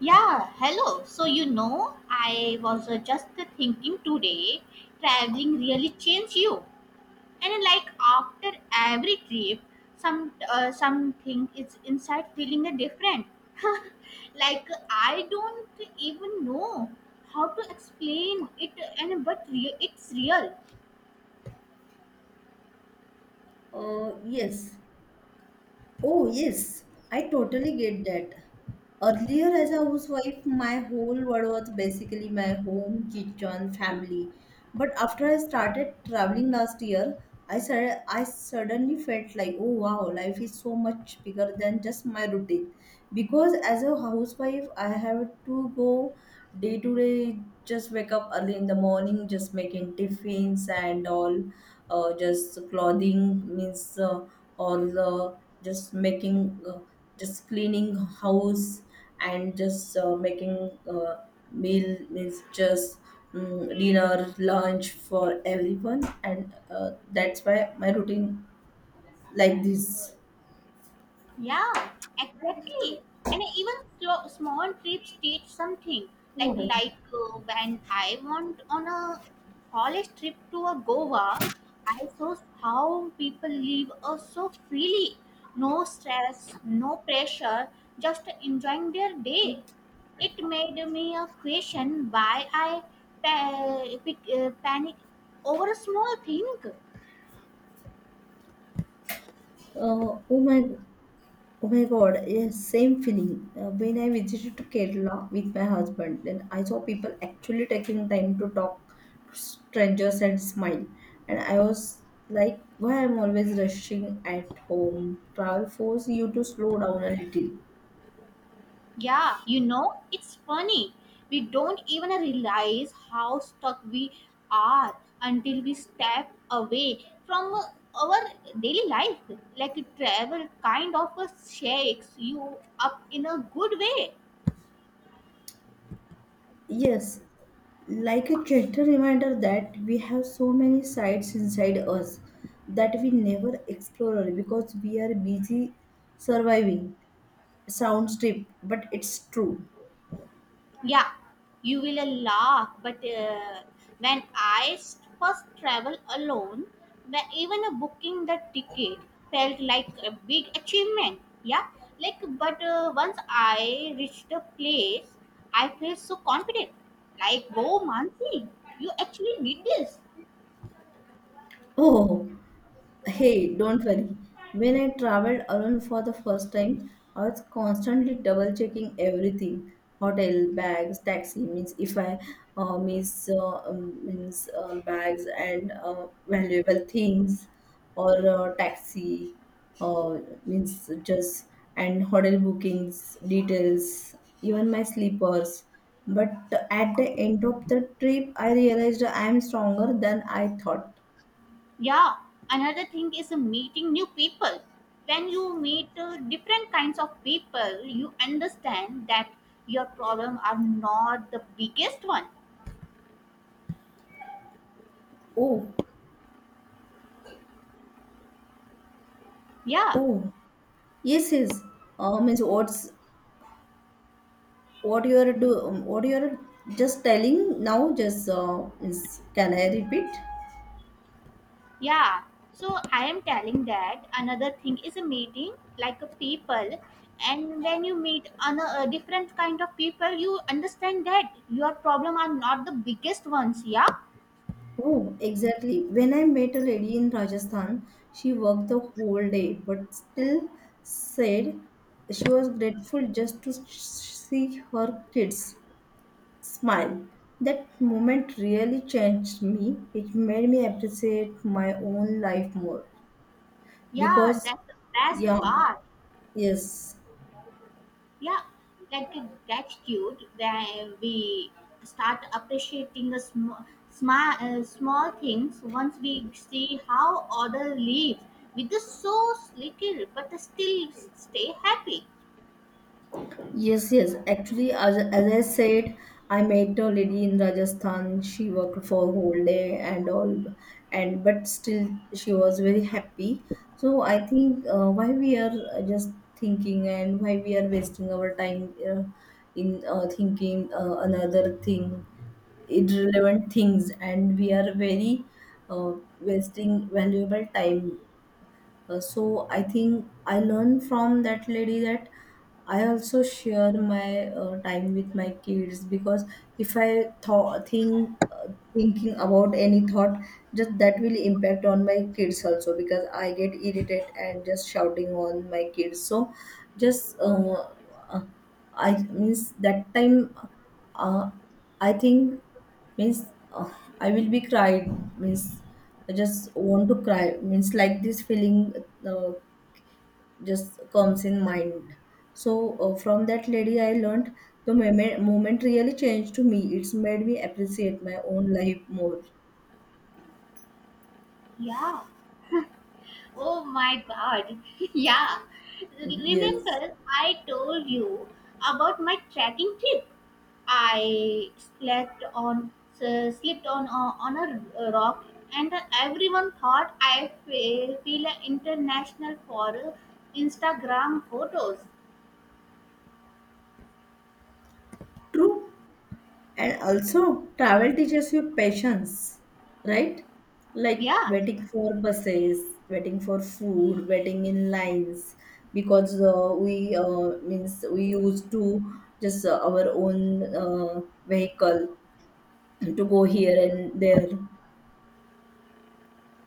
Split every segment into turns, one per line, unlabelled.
Yeah, hello. So, you know, I was Just thinking today, traveling really changed you. And like after every trip, something is inside feeling a different. Like I don't even know how to explain it, and but re- it's real.
Yes. Oh, yes. I totally get that. Earlier, as a housewife, my whole world was basically my home, kitchen, family. But after I started traveling last year, I suddenly felt like, oh wow, life is so much bigger than just my routine. Because as a housewife, I have to go day to day, just wake up early in the morning, just making tiffins and all, just clothing means. Or just making just cleaning house and just making meal means just dinner lunch for everyone, and that's why my routine like this.
Yeah, exactly. And even small trips teach something. Like when I went on a college trip to a Goa, I saw how people live so freely, no stress, no pressure, just enjoying their day. It made me a question why I panic over a small thing.
Oh my! Oh my God, yes, same feeling. When I visited to Kerala with my husband, then I saw people actually taking time to talk to strangers and smile. And I was like, why I'm always rushing at home? Travel force you to slow down a little.
Yeah, you know, it's funny. We don't even realize how stuck we are until we step away from our daily life. Like travel kind of shakes you up in a good way.
Yes, like a gentle reminder that we have so many sides inside us that we never explore because we are busy surviving. Sounds deep, but it's true.
Yeah, you will laugh, but when I first travel alone, when even booking the ticket felt like a big achievement. Yeah, like but once I reached the place, I felt so confident. Like, whoa, Mansi, you actually did this.
Oh, hey, don't worry. When I traveled alone for the first time, I was constantly double checking everything hotel, bags, taxi, means if I miss means, bags and valuable things, or taxi, uh, means just and hotel bookings, details, even my sleepers. But at the end of the trip, I realized I am stronger than I thought.
Yeah, another thing is meeting new people. When you meet different kinds of people, you understand that your problem are not the biggest one.
Oh,
Yeah,
oh. Yes, yes. Means what you are do what you are just telling now? Just means can I repeat?
yeah. So I am telling that another thing is a meeting like a people, and when you meet a different kind of people, you understand that your problem are not the biggest ones. Yeah,
Oh, exactly. When I met a lady in Rajasthan, she worked the whole day, but still said she was grateful just to see her kids smile. That moment really changed me. It made me appreciate my own life more
yeah.
because,
That's the best
yeah,
part.
yes.
Yeah, like a gratitude then we start appreciating the small things once we see how other live with the so little but still stay happy.
Yes, yes. Actually, as I said, I met a lady in Rajasthan. She worked for whole day and all, and but still she was very happy. So I think why we are just thinking, and why we are wasting our time in thinking another thing, irrelevant things, and we are very wasting valuable time, so I think I learned from that lady that I also share my time with my kids, because if I thought think thinking about any thought, just that will impact on my kids also, because I get irritated and just shouting on my kids. So just uh, I means that time, uh, I think means uh, I will be cried means I just want to cry means like this feeling uh, just comes in mind. So from that lady I learned the moment really changed to me. It's made me appreciate my own life more.
Yeah. Oh my god. Yeah.
Yes,
Remember, I told you about my trekking trip. I slept on slept on on a rock, and everyone thought I feel an international for Instagram photos.
true. And also, travel teaches you patience, right? Like
Yeah,
waiting for buses, waiting for food, waiting in lines, because we means we used to just our own vehicle to go here and there.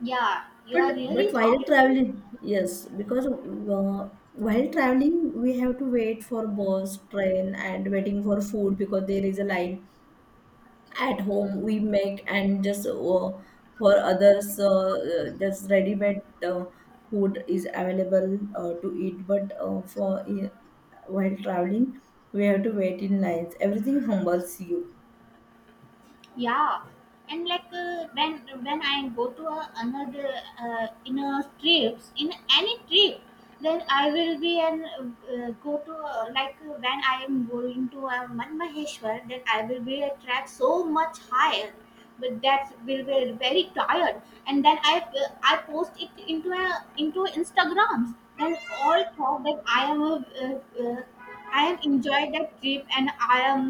yeah, you
But
are
but
really
while
right.
traveling, yes, because while traveling we have to wait for bus, train, and waiting for food because there is a line. At home we make and just for others just ready made uh, food is available to eat, but for while traveling we have to wait in lines. Everything humbles you.
Yeah, and like when I go to another in any trip then I will be and go to like when I am going to Man maheshwar then I will be a attract so much higher but that will be very tired and then i post it into a into instagrams then all thought that uh, uh, I am enjoyed that trip and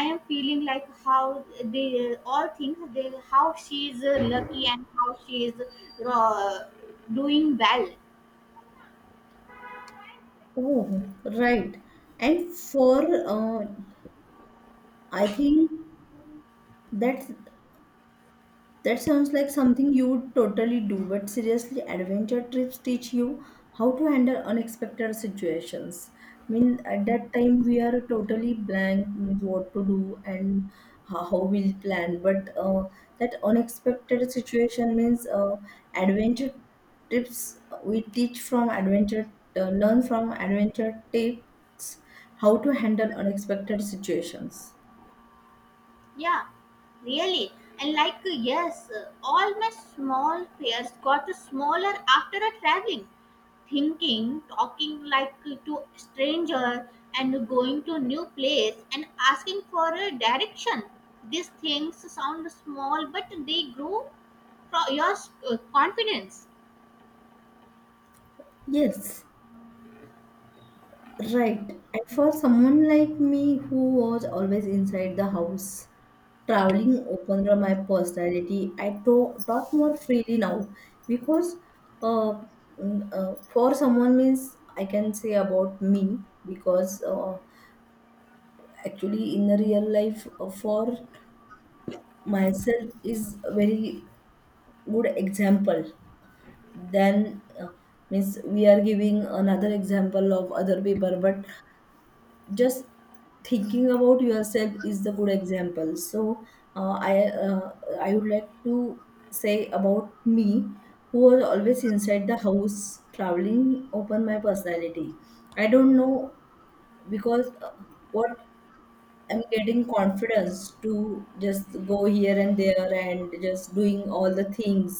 I am feeling like how they all think they how she is lucky and how she is uh, doing well.
Oh right, and for uh, I think that's that sounds like something you would totally do, but seriously, adventure trips teach you how to handle unexpected situations. I mean, at that time, we are totally blank with what to do and how we'll plan. But that unexpected situation means adventure trips, we teach from adventure, learn from adventure tips how to handle unexpected situations.
Yeah, really. And like yes, all my small fears got smaller after a traveling, thinking, talking like to stranger and going to new place and asking for a direction. These things sound small, but they grow from your confidence.
Yes, right. And for someone like me who was always inside the house, traveling opened up my personality. Talk more freely now because uh, for someone means I can say about me because actually in the real life for myself is a very good example. Then means we are giving another example of other people, but just thinking about yourself is the good example. So uh, I uh, I would like to say about me who was always inside the house. Traveling open my personality, I don't know, because what I'm getting confidence to just go here and there and just doing all the things.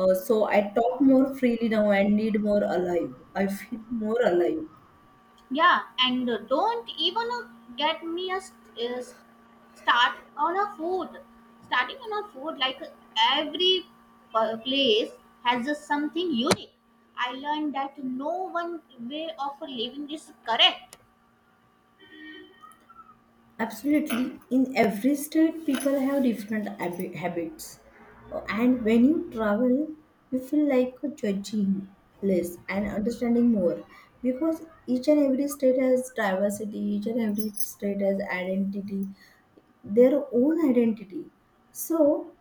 So I talk more freely now, I feel more alive.
Yeah, and don't even get me a st- s- start on a food. Starting on a food, like every place has something unique. I learned that no one way of living is correct.
Absolutely. In every state, people have different habits. And when you travel, you feel like judging less and understanding more because each and every state has diversity, each and every state has identity, their own identity. So,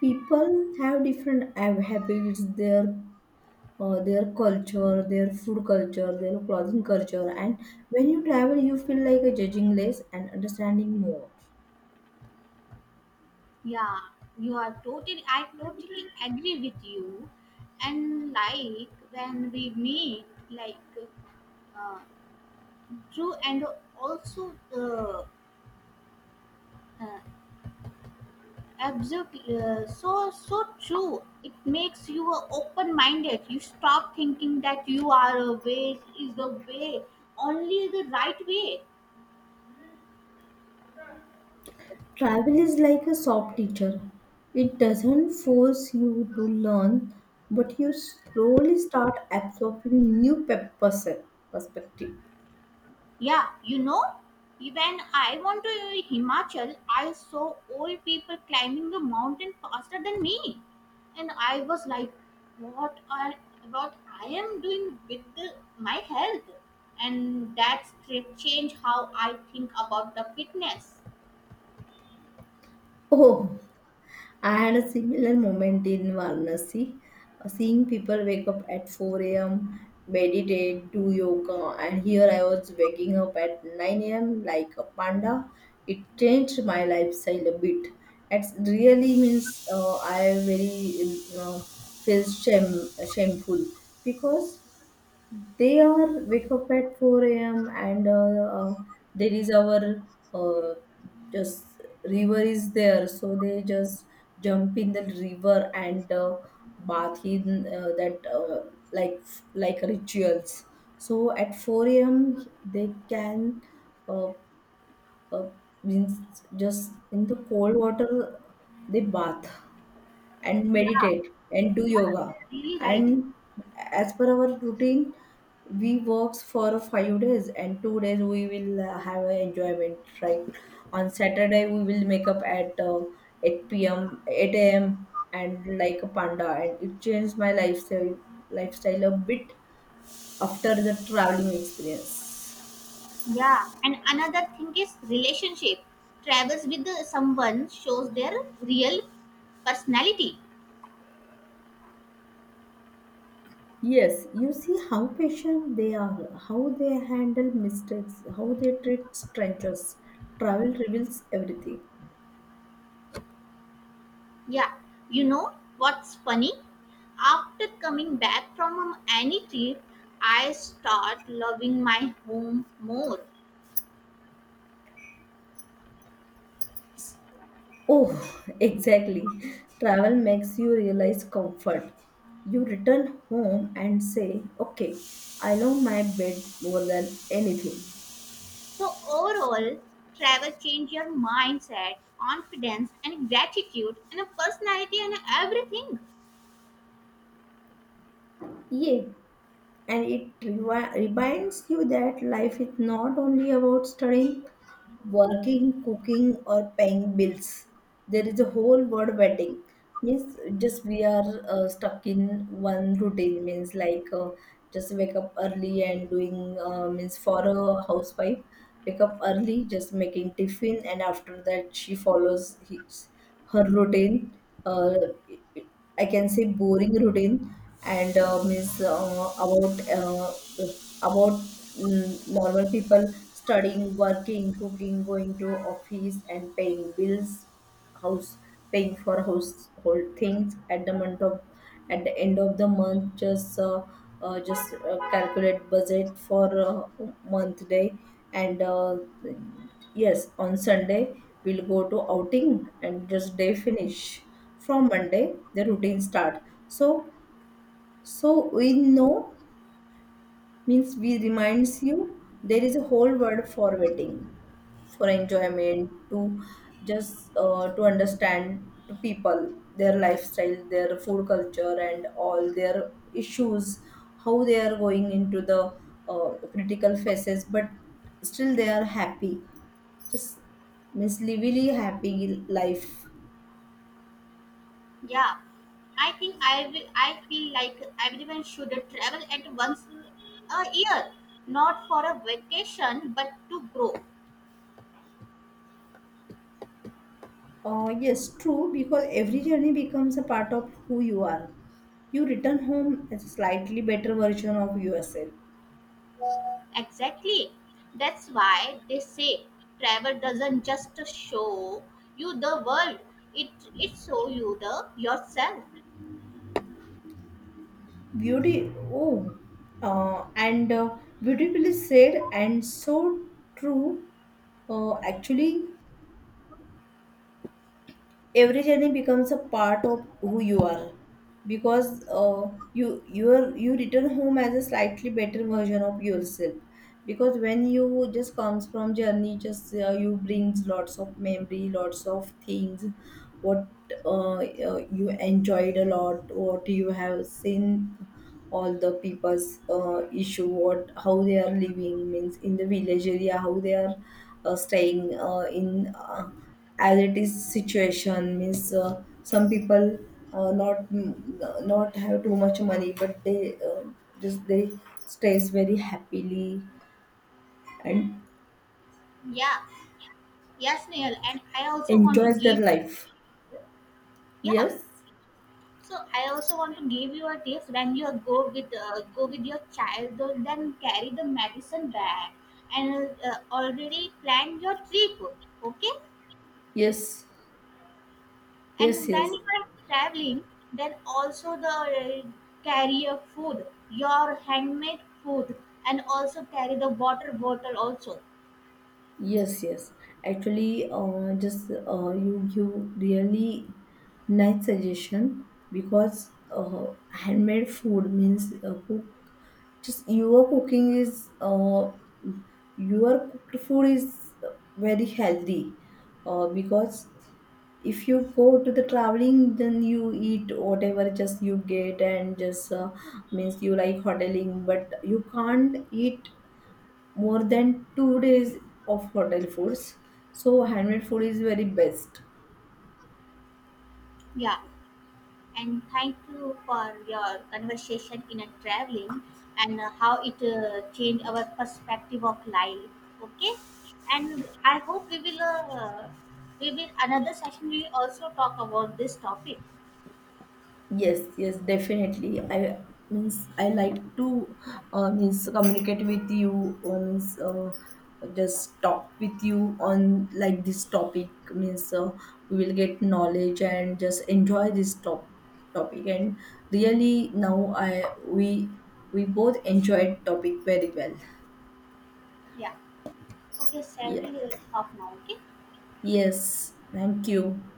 people have different habits, their culture, their food culture, their clothing culture, and when you travel, you feel like judging less and understanding more.
Yeah, you are totally. I totally agree with you. And like when we meet, like uh, Drew and also uh, absolutely, so so true. It makes you open-minded. You stop thinking that you are a way is the way, only the right way.
Travel is like a soft teacher. It doesn't force you to learn, but you slowly start absorbing new perspective.
Yeah, you know, when I went to Himachal, I saw old people climbing the mountain faster than me, and I was like, what are what I am doing with my health, and that trip changed how I think about the fitness.
Oh, I had a similar moment in Varanasi, seeing people wake up at 4 a.m., meditate, do yoga, and here I was waking up at 9 a.m. like a panda. It changed my lifestyle a bit. It really means I very feel shame, shameful, because they are wake up at 4 a.m, and there is our uh, just river is there, so they just jump in the river and bath in that like like rituals. So at 4 a.m they can uh, uh, means just in the cold water they bath and
Yeah.
meditate and do yoga.
Yeah, really right.
And as per our routine we works for 5 days and 2 days we will have a enjoyment, right? On saturday we will make up at 8 p.m 8 a.m, and like a panda, and it changed my lifestyle a bit after the traveling experience.
Yeah, and another thing is relationship. Travels with someone shows their real personality.
Yes, you see how patient they are, how they handle mistakes, how they treat strangers. Travel reveals everything.
Yeah, you know what's funny? After coming back from any trip, I start loving my home more.
Oh, exactly. Travel makes you realize comfort. You return home and say, okay, I love my bed more than anything.
So overall, travel change your mindset, confidence, and gratitude, and a personality, and everything.
Yeah, and it reminds you that life is not only about studying, working, cooking, or paying bills. There is a whole world wedding. Means just we are stuck in one routine. Means like just wake up early and doing means for a housewife, wake up early, just making tiffin, and after that she follows his her routine. Uh, I can say boring routine. And means about normal people studying, working, cooking, going to office, and paying bills, house paying for host whole things at the month of at the end of the month just calculate budget for month day, and yes, on sunday we'll go to outing and just day finish, from monday the routine start. So so we know means we reminds you there is a whole world for waiting for enjoyment, to just to understand to people their lifestyle, their food culture, and all their issues, how they are going into the critical phases, but still they are happy. Just means lively happy life.
Yeah, I think I will. I feel like everyone should travel at once a year, not for a vacation, but to grow.
Yes, true, because every journey becomes a part of who you are. You return home as a slightly better version of yourself.
Exactly. That's why they say travel doesn't just show you the world; it it shows you the yourself.
Oh, and beautifully said, and so true, actually. Every journey becomes a part of who you are because you return home as a slightly better version of yourself, because when you just comes from journey just you brings lots of memory lots of things, what you enjoyed a lot, what you have seen, all the people's issue, what how they are living, means in the village area how they are staying in as it is situation, means some people not not have too much money, but they just they stays very happily and
Yeah. Yes, Neil. And I also want to
enjoys their
give.
life.
Yeah.
Yes,
So I also want to give you a tips when you go with your child, though, then carry the medicine bag and already plan your trip, okay?
yes, yes,
And
yes.
when you are traveling, then also the carry your food, your handmade food, and also carry the water bottle also.
Yes, yes. Actually, just you give really nice suggestion, because handmade food means cook. Just your cooking is your cooked food is very healthy, because if you go to the traveling then you eat whatever just you get, and just means you like hoteling but you can't eat more than 2 days of hotel foods. So handmade food is very best.
Yeah, and thank you for your conversation in a traveling and how it changed our perspective of life, okay, and I hope we will another session we will also talk about this topic.
Yes, yes, definitely. I means I like to means communicate with you, or means just talk with you on like this topic means we will get knowledge and just enjoy this topic, and really now I we both enjoyed topic very well.
Yeah, okay,
Yeah.
salary is off now, okay.
Yes. Thank you.